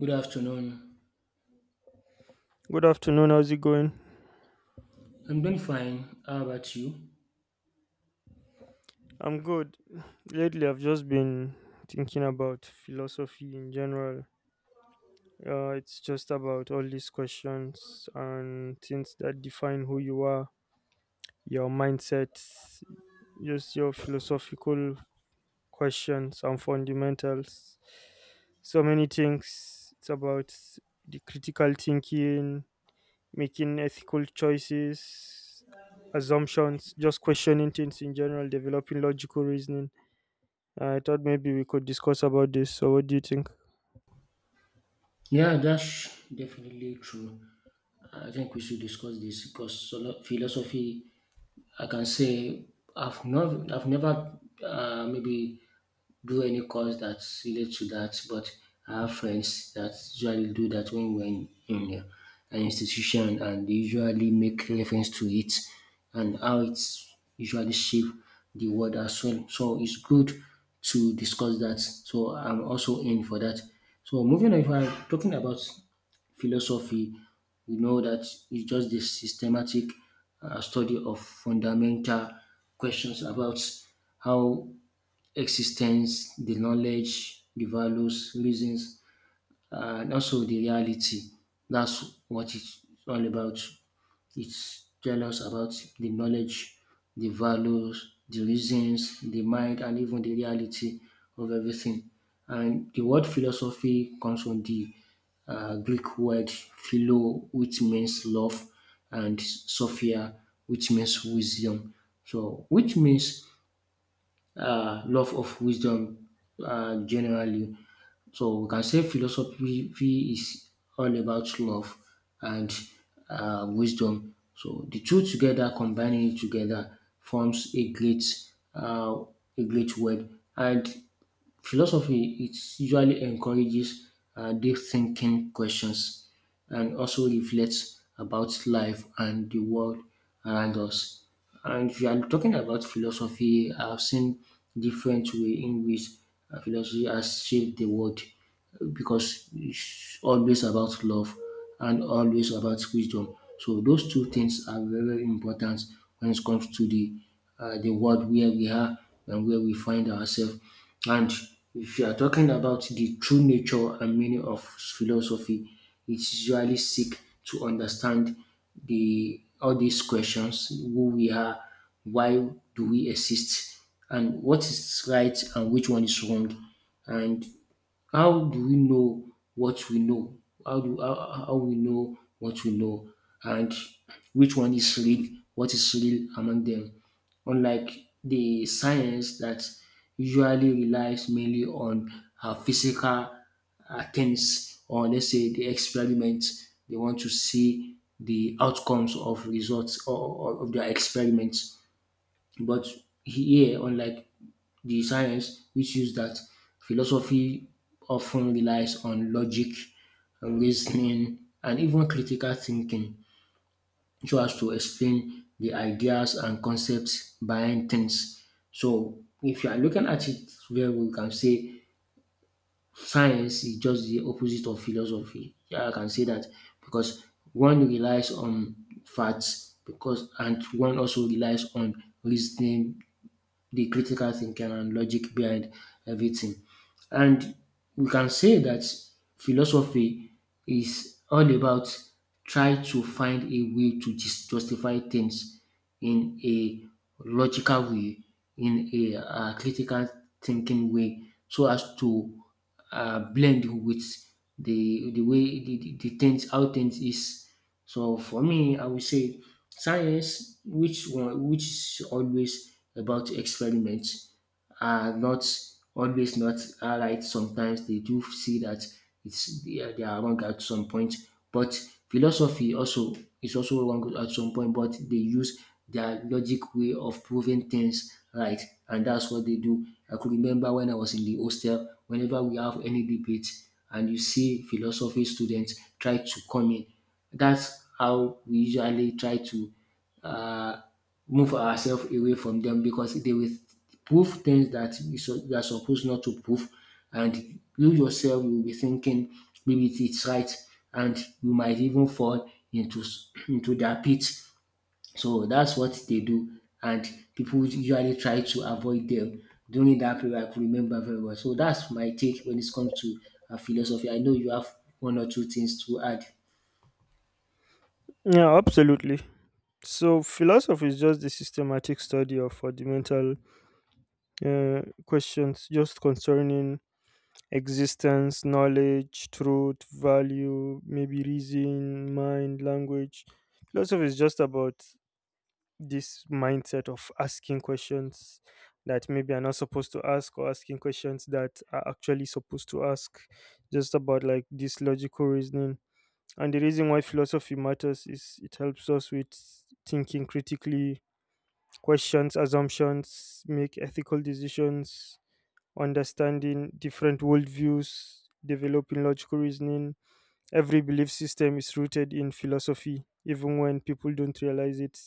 Good afternoon. Good afternoon. How's it going? I'm doing fine. How about you? I'm good. Lately, I've just been thinking about philosophy in general. It's just about all these questions and things that define who you are, your mindset, just your philosophical questions and fundamentals. So many things. It's about the critical thinking, making ethical choices, assumptions, just questioning things in general, developing logical reasoning. I thought maybe we could discuss about this. So, what do you think? Yeah, that's definitely true. I think we should discuss this because philosophy, I can say, I've never maybe do any course that's related to that, but I have friends that usually do that when we're in an institution and they usually make reference to it and how it's usually shape the world as well. So it's good to discuss that. So I'm also in for that. So moving on, if I'm talking about philosophy, we know that it's just the systematic study of fundamental questions about how existence, the knowledge, the values, reasons, and also the reality. That's what it's all about. It's tell us about the knowledge, the values, the reasons, the mind, and even the reality of everything. And the word philosophy comes from the Greek word philo, which means love, and sophia, which means wisdom. So, which means love of wisdom generally. So we can say philosophy is all about love and wisdom. So the two together, combining it together, forms uh, a great word. And philosophy it usually encourages deep thinking questions and also reflects about life and the world around us. And if you are talking about philosophy, I've seen different way in which philosophy has shaped the world because it's always about love and always about wisdom. So those two things are very, very important when it comes to the world where we are and where we find ourselves. And if you are talking about the true nature and meaning of philosophy, it's usually seek to understand the all these questions: who we are, why do we exist, and what is right and which one is wrong. And how do we know what we know? How we know what we know and which one is real? What is real among them? Unlike the science that usually relies mainly on physical attempts or let's say the experiments, they want to see the outcomes of results or of their experiments. But here, unlike the science, which is that philosophy often relies on logic, reasoning, and even critical thinking so as to explain the ideas and concepts behind things. So, if you are looking at it very well, you can say science is just the opposite of philosophy. Yeah, I can say that because one relies on facts because and one also relies on reasoning the critical thinking and logic behind everything. And we can say that philosophy is all about try to find a way to justify things in a logical way, in a critical thinking way, so as to blend with the way the things how things is. So for me, I would say science, which one, which is always about experiments, are not always not are right. Sometimes they do see that it's they are wrong at some point. But philosophy also is also wrong at some point. But they use their logic way of proving things right, and that's what they do. I could remember when I was in the hostel. Whenever we have any debate, and you see philosophy students try to come in, that's how we usually try to uh, move ourselves away from them because they will prove things that you are supposed not to prove, and you yourself will be thinking maybe it is right, and you might even fall into into their pit. So that's what they do, and people usually try to avoid them during that period. I could remember very well. So that's my take when it comes to philosophy. I know you have one or two things to add. Yeah, absolutely. So, philosophy is just the systematic study of fundamental questions just concerning existence, knowledge, truth, value, maybe reason, mind, language. Philosophy is just about this mindset of asking questions that maybe are not supposed to ask or asking questions that are actually supposed to ask, just about like this logical reasoning. And the reason why philosophy matters is it helps us with thinking critically, questions assumptions, make ethical decisions, understanding different worldviews, developing logical reasoning. Every belief system is rooted in philosophy, even when people don't realize it.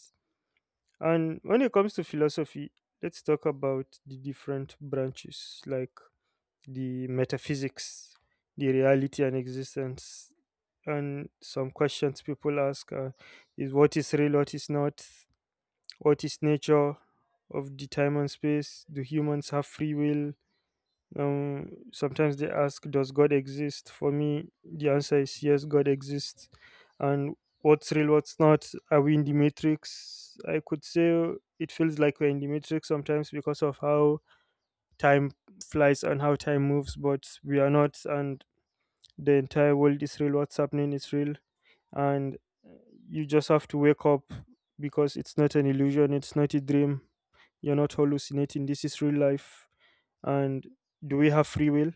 And when it comes to philosophy, let's talk about the different branches like the metaphysics, the reality and existence. And some questions people ask is what is real, what is not, what is nature of the time and space, do humans have free will? Sometimes they ask, does God exist? For me, the answer is yes, God exists. And what's real, what's not? Are we in the matrix? I could say it feels like we're in the matrix sometimes because of how time flies and how time moves, but we are not. And the entire world is real. What's happening is real. And you just have to wake up because it's not an illusion, it's not a dream. You're not hallucinating. This is real life. And do we have free will?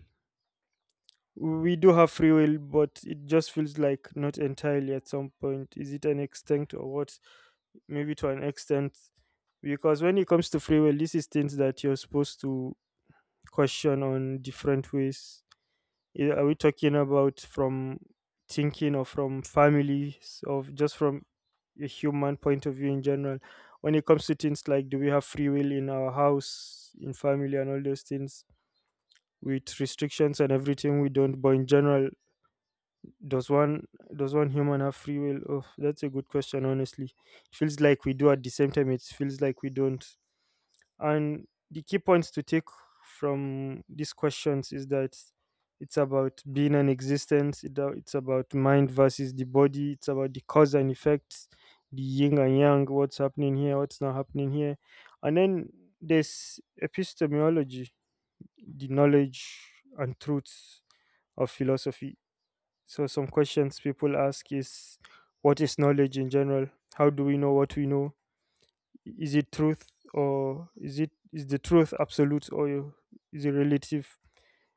We do have free will, but it just feels like not entirely. At some point, is it an extent or what? Maybe to an extent, because when it comes to free will, this is things that you're supposed to question on different ways. Are we talking about from thinking or from families or just from a human point of view in general? When it comes to things like do we have free will in our house, in family and all those things, with restrictions and everything, we don't. But in general, does one does one human have free will? Oh, that's a good question. Honestly, it feels like we do. At the same time, it feels like we don't. And the key points to take from these questions is that it's about being and existence. It's about mind versus the body. It's about the cause and effects, the yin and yang. What's happening here? What's not happening here? And then there's epistemology, the knowledge and truths of philosophy. So, some questions people ask is, what is knowledge in general? How do we know what we know? Is it truth, or is the truth absolute, or is it relative?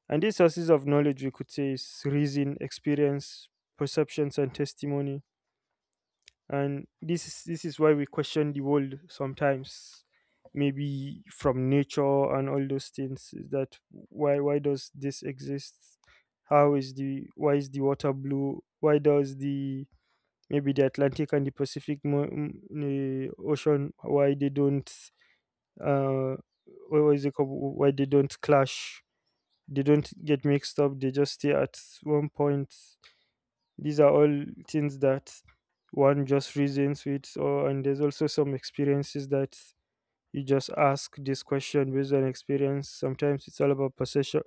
And these sources of knowledge, we could say, is reason, experience, perceptions and testimony. And this is why we question the world sometimes. Maybe from nature and all those things is that, why does this exist? How is the why is the water blue? Why does the Atlantic and the Pacific the Ocean, why they don't, uh, what is it called? Why they don't clash? They don't get mixed up. They just stay at one point. These are all things that one just reasons with, or and there's also some experiences that you just ask this question based on experience. Sometimes it's all about perception,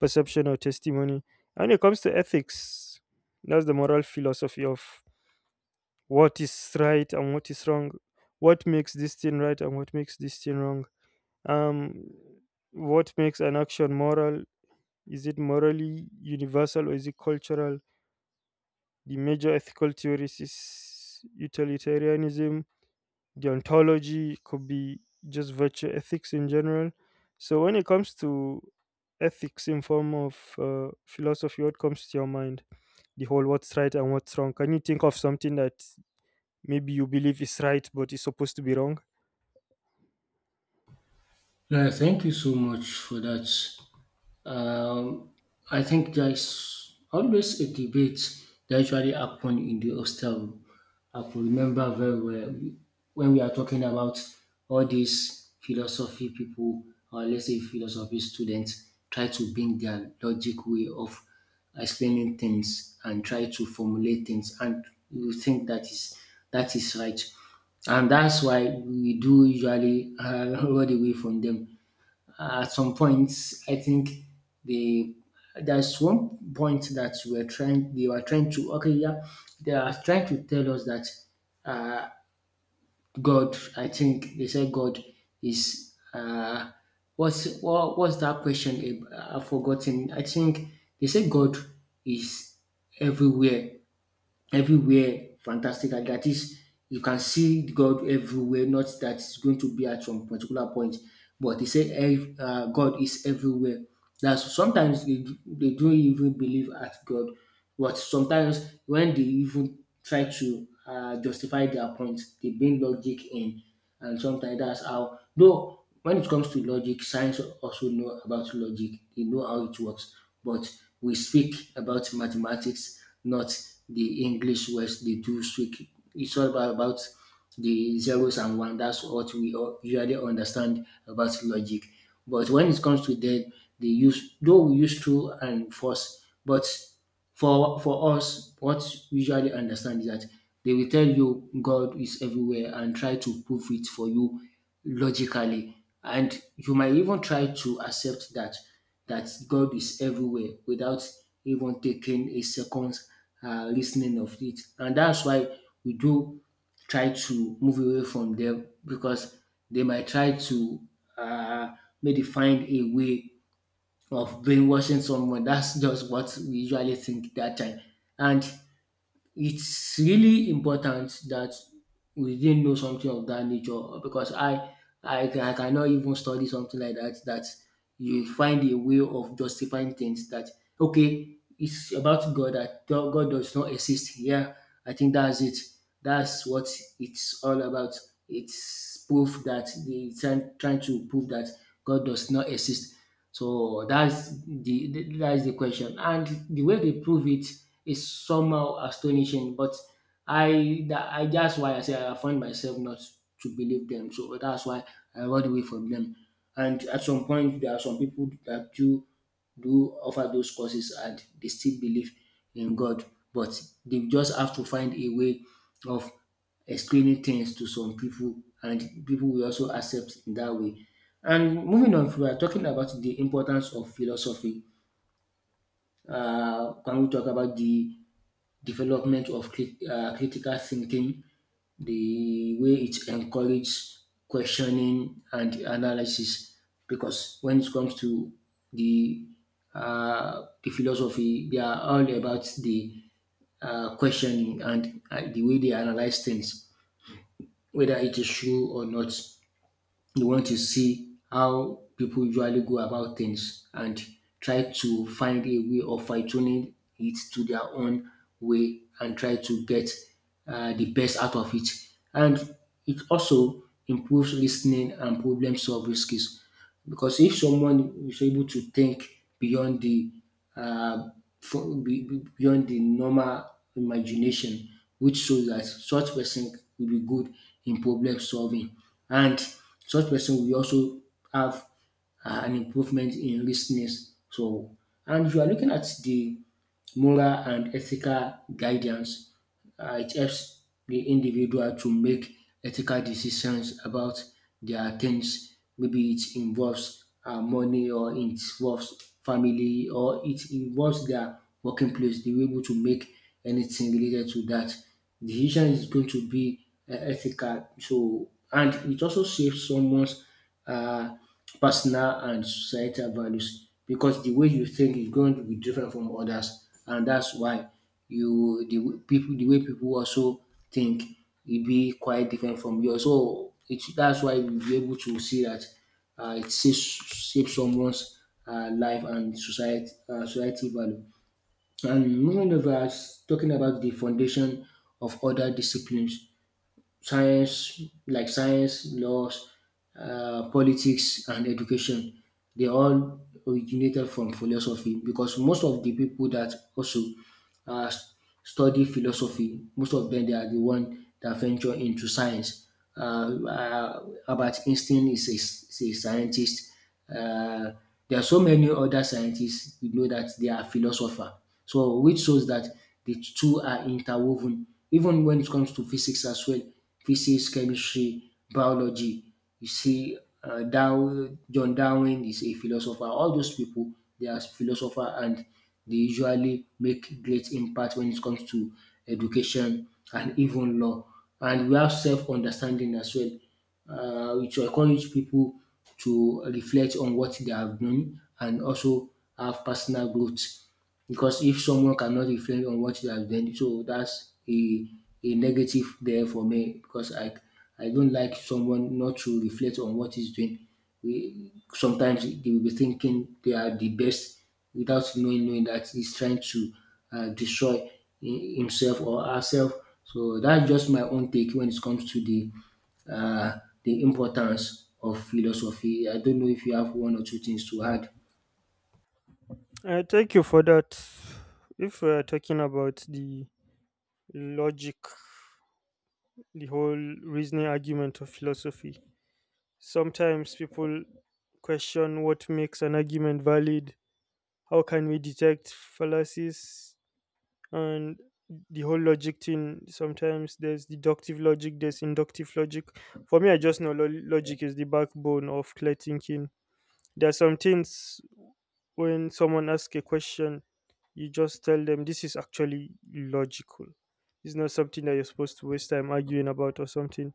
or testimony. And when it comes to ethics, that's the moral philosophy of what is right and what is wrong, what makes this thing right and what makes this thing wrong. um what makes an action moral, is it morally universal or is it cultural? The major ethical theories is utilitarianism, the ontology could be just virtue ethics in general. So when it comes to ethics in form of philosophy, what comes to your mind? The whole what's right and what's wrong, can you think of something that maybe you believe it's right but it's supposed to be wrong? Yeah, thank you so much for that. Um, I think there is always a debate that usually happen in the hostel room. I could remember very well when we are talking about all these philosophy people, or let's say philosophy students, try to bring their logic way of explaining things and try to formulate things, and you think that is right, and that's why we do usually run away from them at some points. I think they there's one point that we're trying they were trying to, okay, yeah, they are trying to tell us that God, I think they said God is what's what's that question I've forgotten. I think they said God is everywhere. Everywhere, fantastic. That is you can see God everywhere, not that it's going to be at some particular point, but they say God is everywhere. That's sometimes they don't even believe at God, but sometimes when they even try to justify their point, they bring logic in. And sometimes that's how though when it comes to logic, science also know about logic, they know how it works. But we speak about mathematics, not the English words they do speak. It's all about the zeros and one. That's what we all usually understand about logic. But when it comes to them, they use, though we use true and false. But for us, what we usually understand is that they will tell you God is everywhere and try to prove it for you logically, and you might even try to accept that that God is everywhere without even taking a second listening of it. And that's why we do try to move away from them because they might try to uh, maybe find a way of brainwashing someone. That's just what we usually think that time. And it's really important that we didn't know something of that nature because I cannot even study something like that that you find a way of justifying things that, okay, it's about God, that God does not exist. Yeah, I think that's it. That's what it's all about. It's proof that they are trying to prove that God does not exist. So that's that's the question, and the way they prove it is somehow astonishing. But I that's why I say I find myself not to believe them. So that's why I run away from them. And at some point, there are some people that do offer those courses, and they still believe in God, but they just have to find a way of explaining things to some people, and people will also accept in that way. And moving on, if we are talking about the importance of philosophy, can we talk about the development of critical thinking, the way it encourages questioning and analysis? Because when it comes to the the philosophy, they are all about the questioning and the way they analyze things whether it is true or not. You want to see how people usually go about things and try to find a way of fine tuning it to their own way and try to get the best out of it. And it also improves listening and problem solving skills because if someone is able to think beyond the uh, beyond the normal imagination, which shows that such person will be good in problem solving, and such person will also have an improvement in listening. So, and if you are looking at the moral and ethical guidance, it helps the individual to make ethical decisions about their things. Maybe it involves money or it involves family or it involves their working place. They were able to make anything related to that. Decision is going to be ethical. So, and it also saves someone's uh, personal and societal values because the way you think is going to be different from others, and that's why you people the way people also think will be quite different from yours. So it that's why we will be able to see that it saves someone's life and society value. And moving over, talking about the foundation of other disciplines, science, laws, politics, and education, they all originated from philosophy because most of the people that also uh, study philosophy. Most of them, they are the one that venture into science. Albert Einstein is a scientist. Uh, there are so many other scientists we know that they are philosopher. So which shows that the two are interwoven. Even when it comes to physics as well, physics, chemistry, biology. You see, Darwin, John Darwin is a philosopher. All those people, they are philosopher and they usually make great impact when it comes to education and even law. And we have self-understanding as well, which will encourage people to reflect on what they have done and also have personal growth because if someone cannot reflect on what they have done, so that's a negative there for me because I don't like someone not to reflect on what he's doing. We sometimes they will be thinking they are the best without knowing that he's trying to destroy himself or herself. So that's just my own take when it comes to the importance of philosophy. I don't know if you have one or two things to add. Thank you for that. If we're talking about the logic, the whole reasoning argument of philosophy, sometimes people question what makes an argument valid, how can we detect fallacies. And the whole logic thing, sometimes there's deductive logic, there's inductive logic. For me, I just know logic is the backbone of clear thinking. There are some things, when someone asks a question, you just tell them this is actually logical. It's not something that you're supposed to waste time arguing about or something.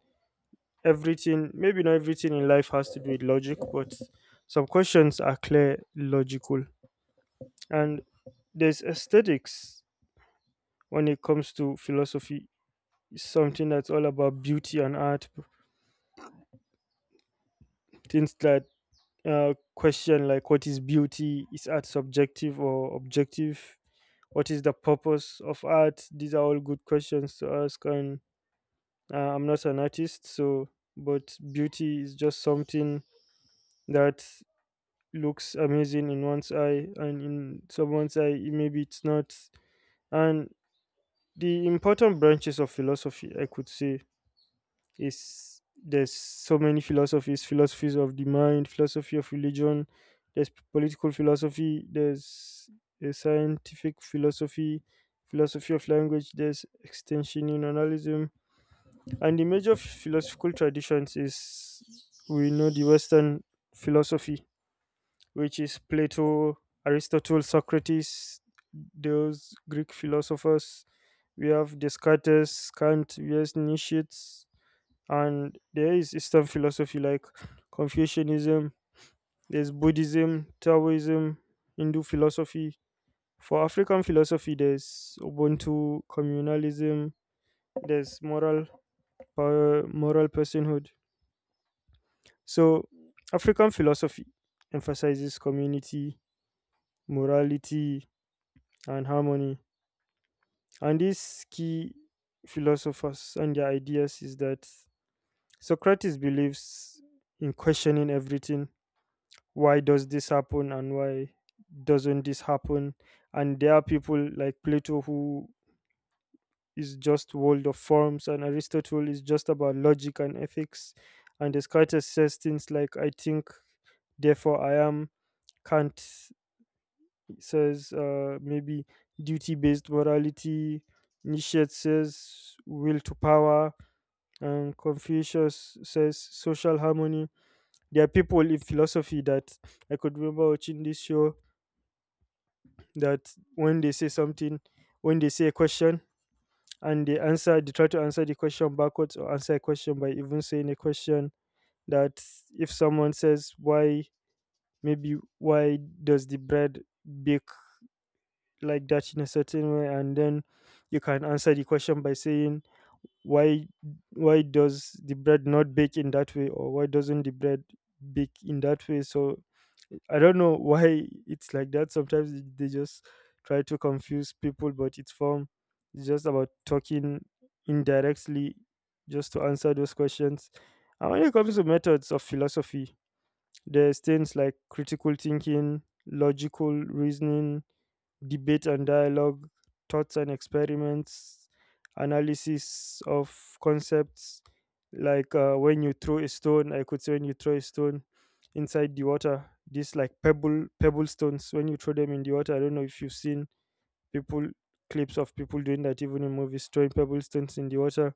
Everything, maybe not everything in life, has to do with logic, but some questions are clear logical. And there's aesthetics. When it comes to philosophy, is something that's all about beauty and art, things that question like, what is beauty, is art subjective or objective, what is the purpose of art? These are all good questions to ask. And I'm not an artist, so. But beauty is just something that looks amazing in one's eye, and in someone's eye maybe it's not. And the important branches of philosophy, I could say, is there's so many philosophies, philosophies of the mind, philosophy of religion, there's political philosophy, there's a scientific philosophy, philosophy of language, there's extensionalism. And the major philosophical traditions is, we know the Western philosophy, which is Plato, Aristotle, Socrates, those Greek philosophers. We have Descartes, Kant, we have Nietzsche. And there is Eastern philosophy like Confucianism, there's Buddhism, Taoism, Hindu philosophy. For African philosophy, there's Ubuntu communalism, there's moral, personhood. So African philosophy emphasizes community, morality, and harmony. And these key philosophers and their ideas is that, Socrates believes in questioning everything. Why does this happen, and why doesn't this happen? And there are people like Plato, who is just world of forms, and Aristotle is just about logic and ethics. And Descartes says things like, I think therefore I am. Kant says, maybe, duty based morality. Nietzsche says will to power, and Confucius says social harmony. There are people in philosophy that, I could remember watching this show, that when they say something, when they say a question and they answer, they try to answer the question backwards, or answer a question by even saying a question. That if someone says, why, maybe, why does the bread bake like that in a certain way? And then you can answer the question by saying, why why does the bread not bake in that way, or why doesn't the bread bake in that way? So I don't know why it's like that. Sometimes they just try to confuse people, but it's form, it's just about talking indirectly just to answer those questions. And when it comes to methods of philosophy, there's things like critical thinking, logical reasoning, debate and dialogue, thoughts and experiments, analysis of concepts. Like when you throw a stone, I could say, when you throw a stone inside the water, these like pebble stones. When you throw them in the water, I don't know if you've seen people, clips of people doing that even in movies, throwing pebble stones in the water,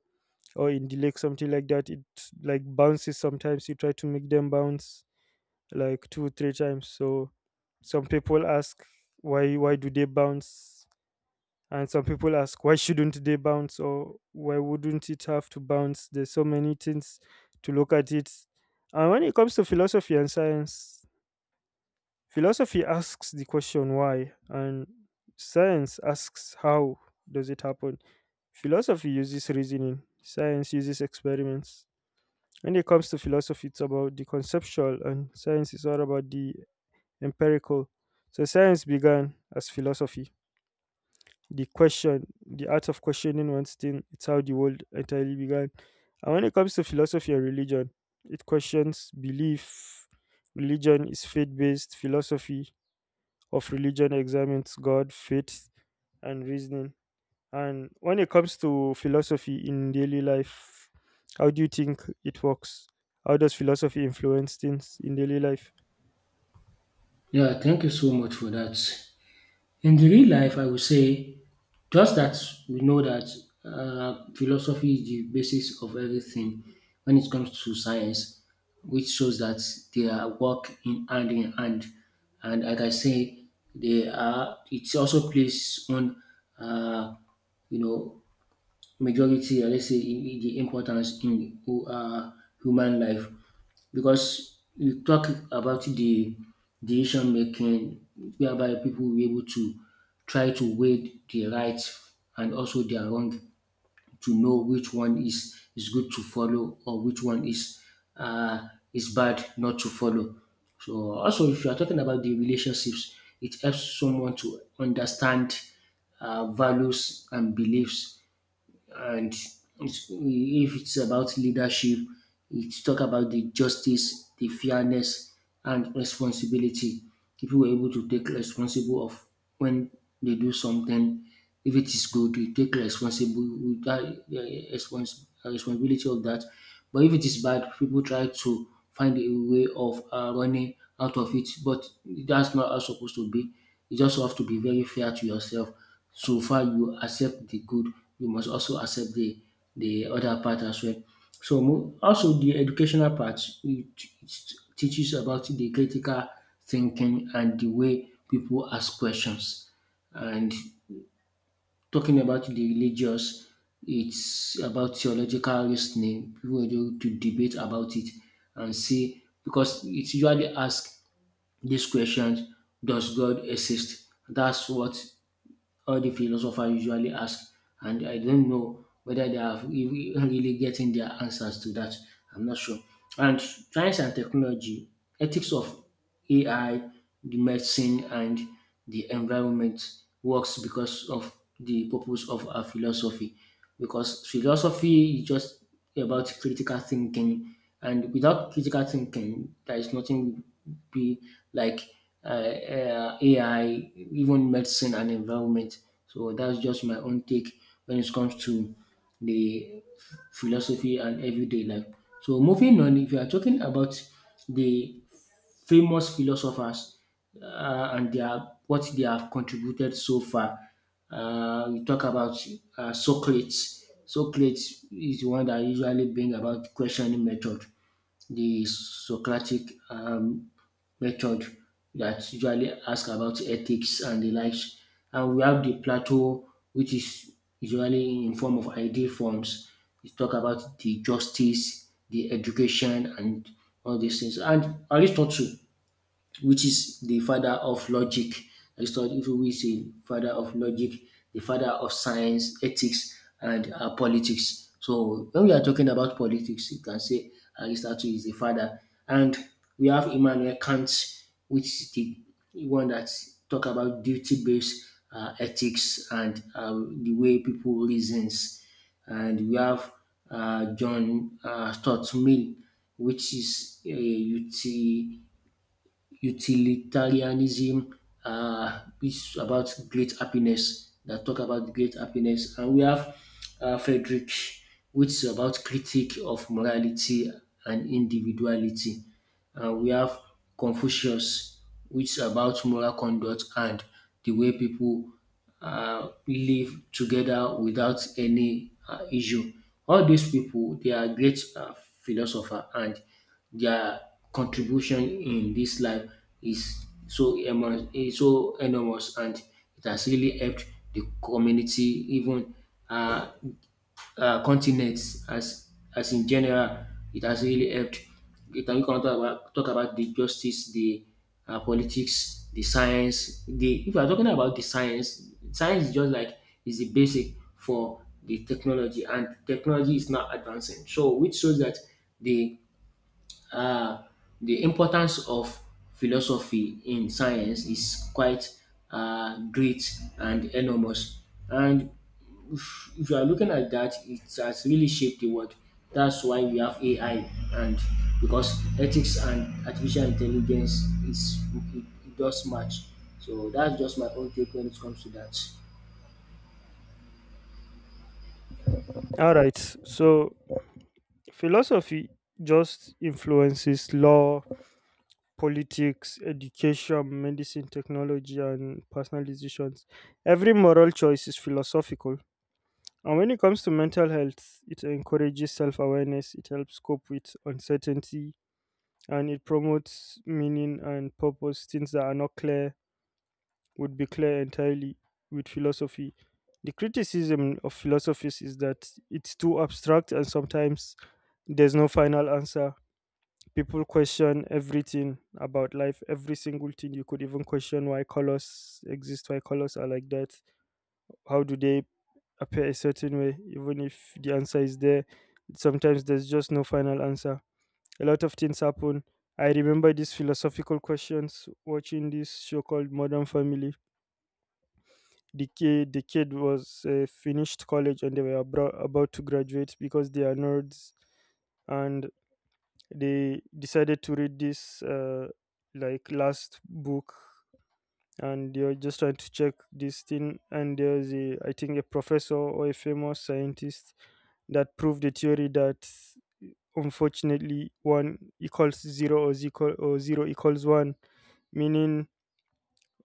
or in the lake, something like that. It like bounces sometimes. You try to make them bounce like two, three times. So some people ask, why do they bounce, and some people ask, why shouldn't they bounce, or why wouldn't it have to bounce? There's so many things to look at it. And when it comes to philosophy and science, philosophy asks the question why, and science asks how does it happen. Philosophy uses reasoning, science uses experiments. When it comes to philosophy, it's about the conceptual, and science is all about the empirical. So science began as philosophy, the question, the art of questioning one's thing, it's how the world entirely began. And when it comes to philosophy and religion, it questions belief. Religion is faith based, philosophy of religion examines God, faith, and reasoning. And when it comes to philosophy in daily life, how do you think it works? How does philosophy influence things in daily life? Yeah, thank you so much for that. In the real life, I would say just that we know that philosophy is the basis of everything when it comes to science, which shows that they are work in hand in hand. And like I say, they are. It also plays on, uh, you know, majority. Or let's say the importance in human life because we talk about the decision making whereby people will be able to try to weigh the right and also their wrong to know which one is good to follow or which one uh, is bad not to follow. So also, if you are talking about the relationships, it helps someone to understand values and beliefs and if it's about leadership, it's talk about the justice, the fairness, and responsibility. People were able to take responsible of when they do something. If it is good, they take responsible with that responsibility of that. But if it is bad, people try to find a way of running out of it. But that's not how it's supposed to be. You just have to be very fair to yourself so far you accept the good, you must also accept the other part as well. So also the educational part, it teaches about the critical thinking and the way people ask questions. And talking about the religious, it's about theological reasoning. People are able to debate about it and see because it's usually asked this question: Does God exist? That's what all the philosopher usually ask, and I don't know whether they are really getting their answers to that. I'm not sure. And science and technology, ethics of AI, the medicine, and the environment works because of the purpose of our philosophy. Because philosophy is just about critical thinking, and without critical thinking, there is nothing be like AI, even medicine and environment. So that's just my own take when it comes to the philosophy and everyday life. So moving on, if you are talking about the famous philosophers and their what they have contributed so far, we talk about Socrates. Socrates is the one that usually bring about questioning method the Socratic um, method that usually ask about ethics and the likes. And we have the plateau, which is usually in form of ideal forms. We talk about the justice, the education, and all these things. And Aristotle which is the father of logic. Aristotle, who is the father of logic, the father of science, ethics, and politics. So when we are talking about politics, you can say Aristotle is the father, and we have Immanuel Kant, which is the one that talk about duty-based ethics and the way people reasons, and we have John Stuart Mill, which is a utilitarianism is about great happiness that talk about great happiness and we have Frederick which is about critique of morality and individuality and we have Confucius which is about moral conduct and the way people live together without any issue. All these people, they are great philosopher, and their contribution in this life is so enormous, and it has really helped the community. Even uh, continents as in general, it has really helped. You can talk about the justice, the politics, the science. The if you are talking about the science, science is just like is the basic for the technology, and technology is now advancing. So, which shows that the uh, the importance of philosophy in science is quite great and enormous. And if you are looking at that, it has really shaped the world. That's why we have AI, and because ethics and artificial intelligence is it does match. So that's just my own take when it comes to that. All right, so philosophy just influences law, politics, education, medicine, technology, and personal decisions. Every moral choice is philosophical. And when it comes to mental health, it encourages self awareness, it helps cope with uncertainty, and it promotes meaning and purpose. Things that are not clear would be clear entirely with philosophy. The criticism of philosophies is that it's too abstract, and sometimes there's no final answer. People question everything about life, every single thing. You could even question why colors exist, why colors are like that, how do they appear a certain way. Even if the answer is there, sometimes there's just no final answer. A lot of things happen. I remember these philosophical questions watching this show called Modern Family. The kid was finished college, and they were about to graduate because they are nerds. And they decided to read this like last book. And they were just trying to check this thing, and there's a, I think, a professor or a famous scientist, that proved the theory that unfortunately one equals zero, or zero or zero equals one, meaning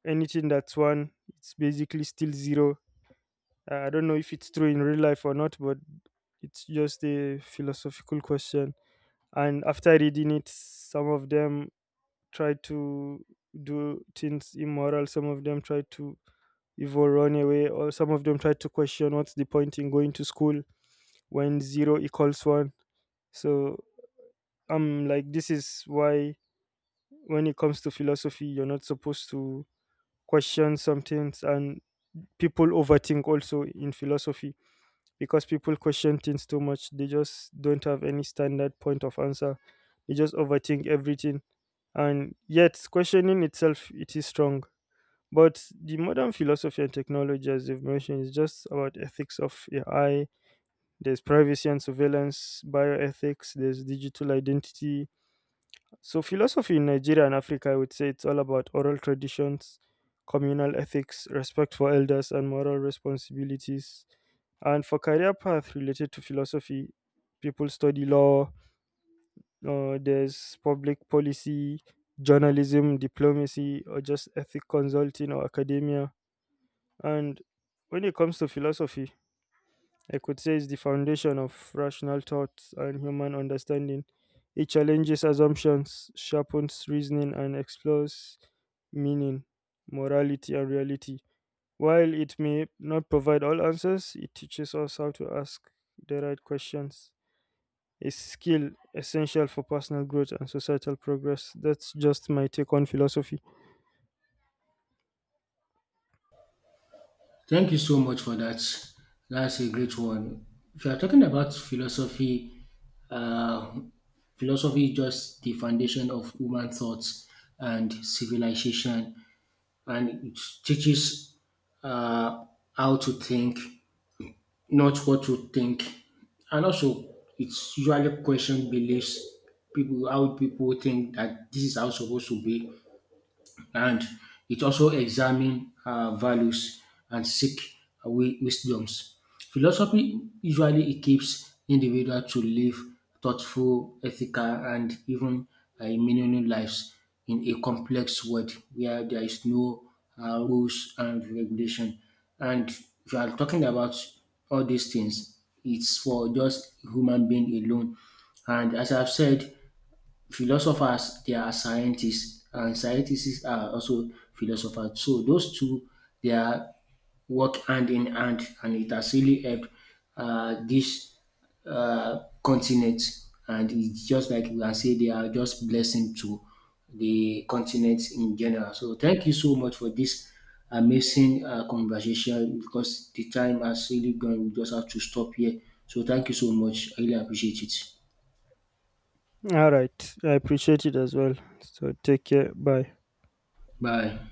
anything that's one, it's basically still zero. I don't know if it's true in real life or not, but it's just a philosophical question. And after reading it, some of them try to do things immoral, some of them try to even run away, or some of them try to question what's the point in going to school when zero equals one. So I'm like, this is why when it comes to philosophy you're not supposed to question some things. And people overthink also in philosophy, because people question things too much. They just don't have any standard point of answer, they just overthink everything. And yet questioning itself, it is strong. But the modern philosophy and technology, as you've mentioned, is just about ethics of AI. There's privacy and surveillance, bioethics, there's digital identity. So, philosophy in Nigeria and Africa, I would say it's all about oral traditions, communal ethics, respect for elders, and moral responsibilities. And for career path related to philosophy, people study law, there's public policy, journalism, diplomacy, or just ethic consulting or academia. And when it comes to philosophy, I could say it's the foundation of rational thought and human understanding. It challenges assumptions, sharpens reasoning, and explores meaning, morality, and reality. While it may not provide all answers, it teaches us how to ask the right questions. A skill essential for personal growth and societal progress. That's just my take on philosophy. Thank you so much for that. That's a great one. If you are talking about philosophy, uh, philosophy is just the foundation of human thoughts and civilization, and it teaches uh, how to think not what you think. And also, it's usually question beliefs. People, how people think that this is how it's supposed to be and it also examine our values and seek wisdoms. Philosophy usually equips individual to live thoughtful, ethical, and even meaningful lives in a complex world where there is no rules and regulation. And if you are talking about all these things, it's for just human being alone. And as I've said, philosophers they are scientists and scientists are also philosophers so those two they are work hand in hand and it has really helped this continent and it's just like we can say they are just blessing to the continent in general so thank you so much for this amazing conversation because the time has really gone we just have to stop here so thank you so much I really appreciate it All right. I appreciate it as well. So take care. Bye. bye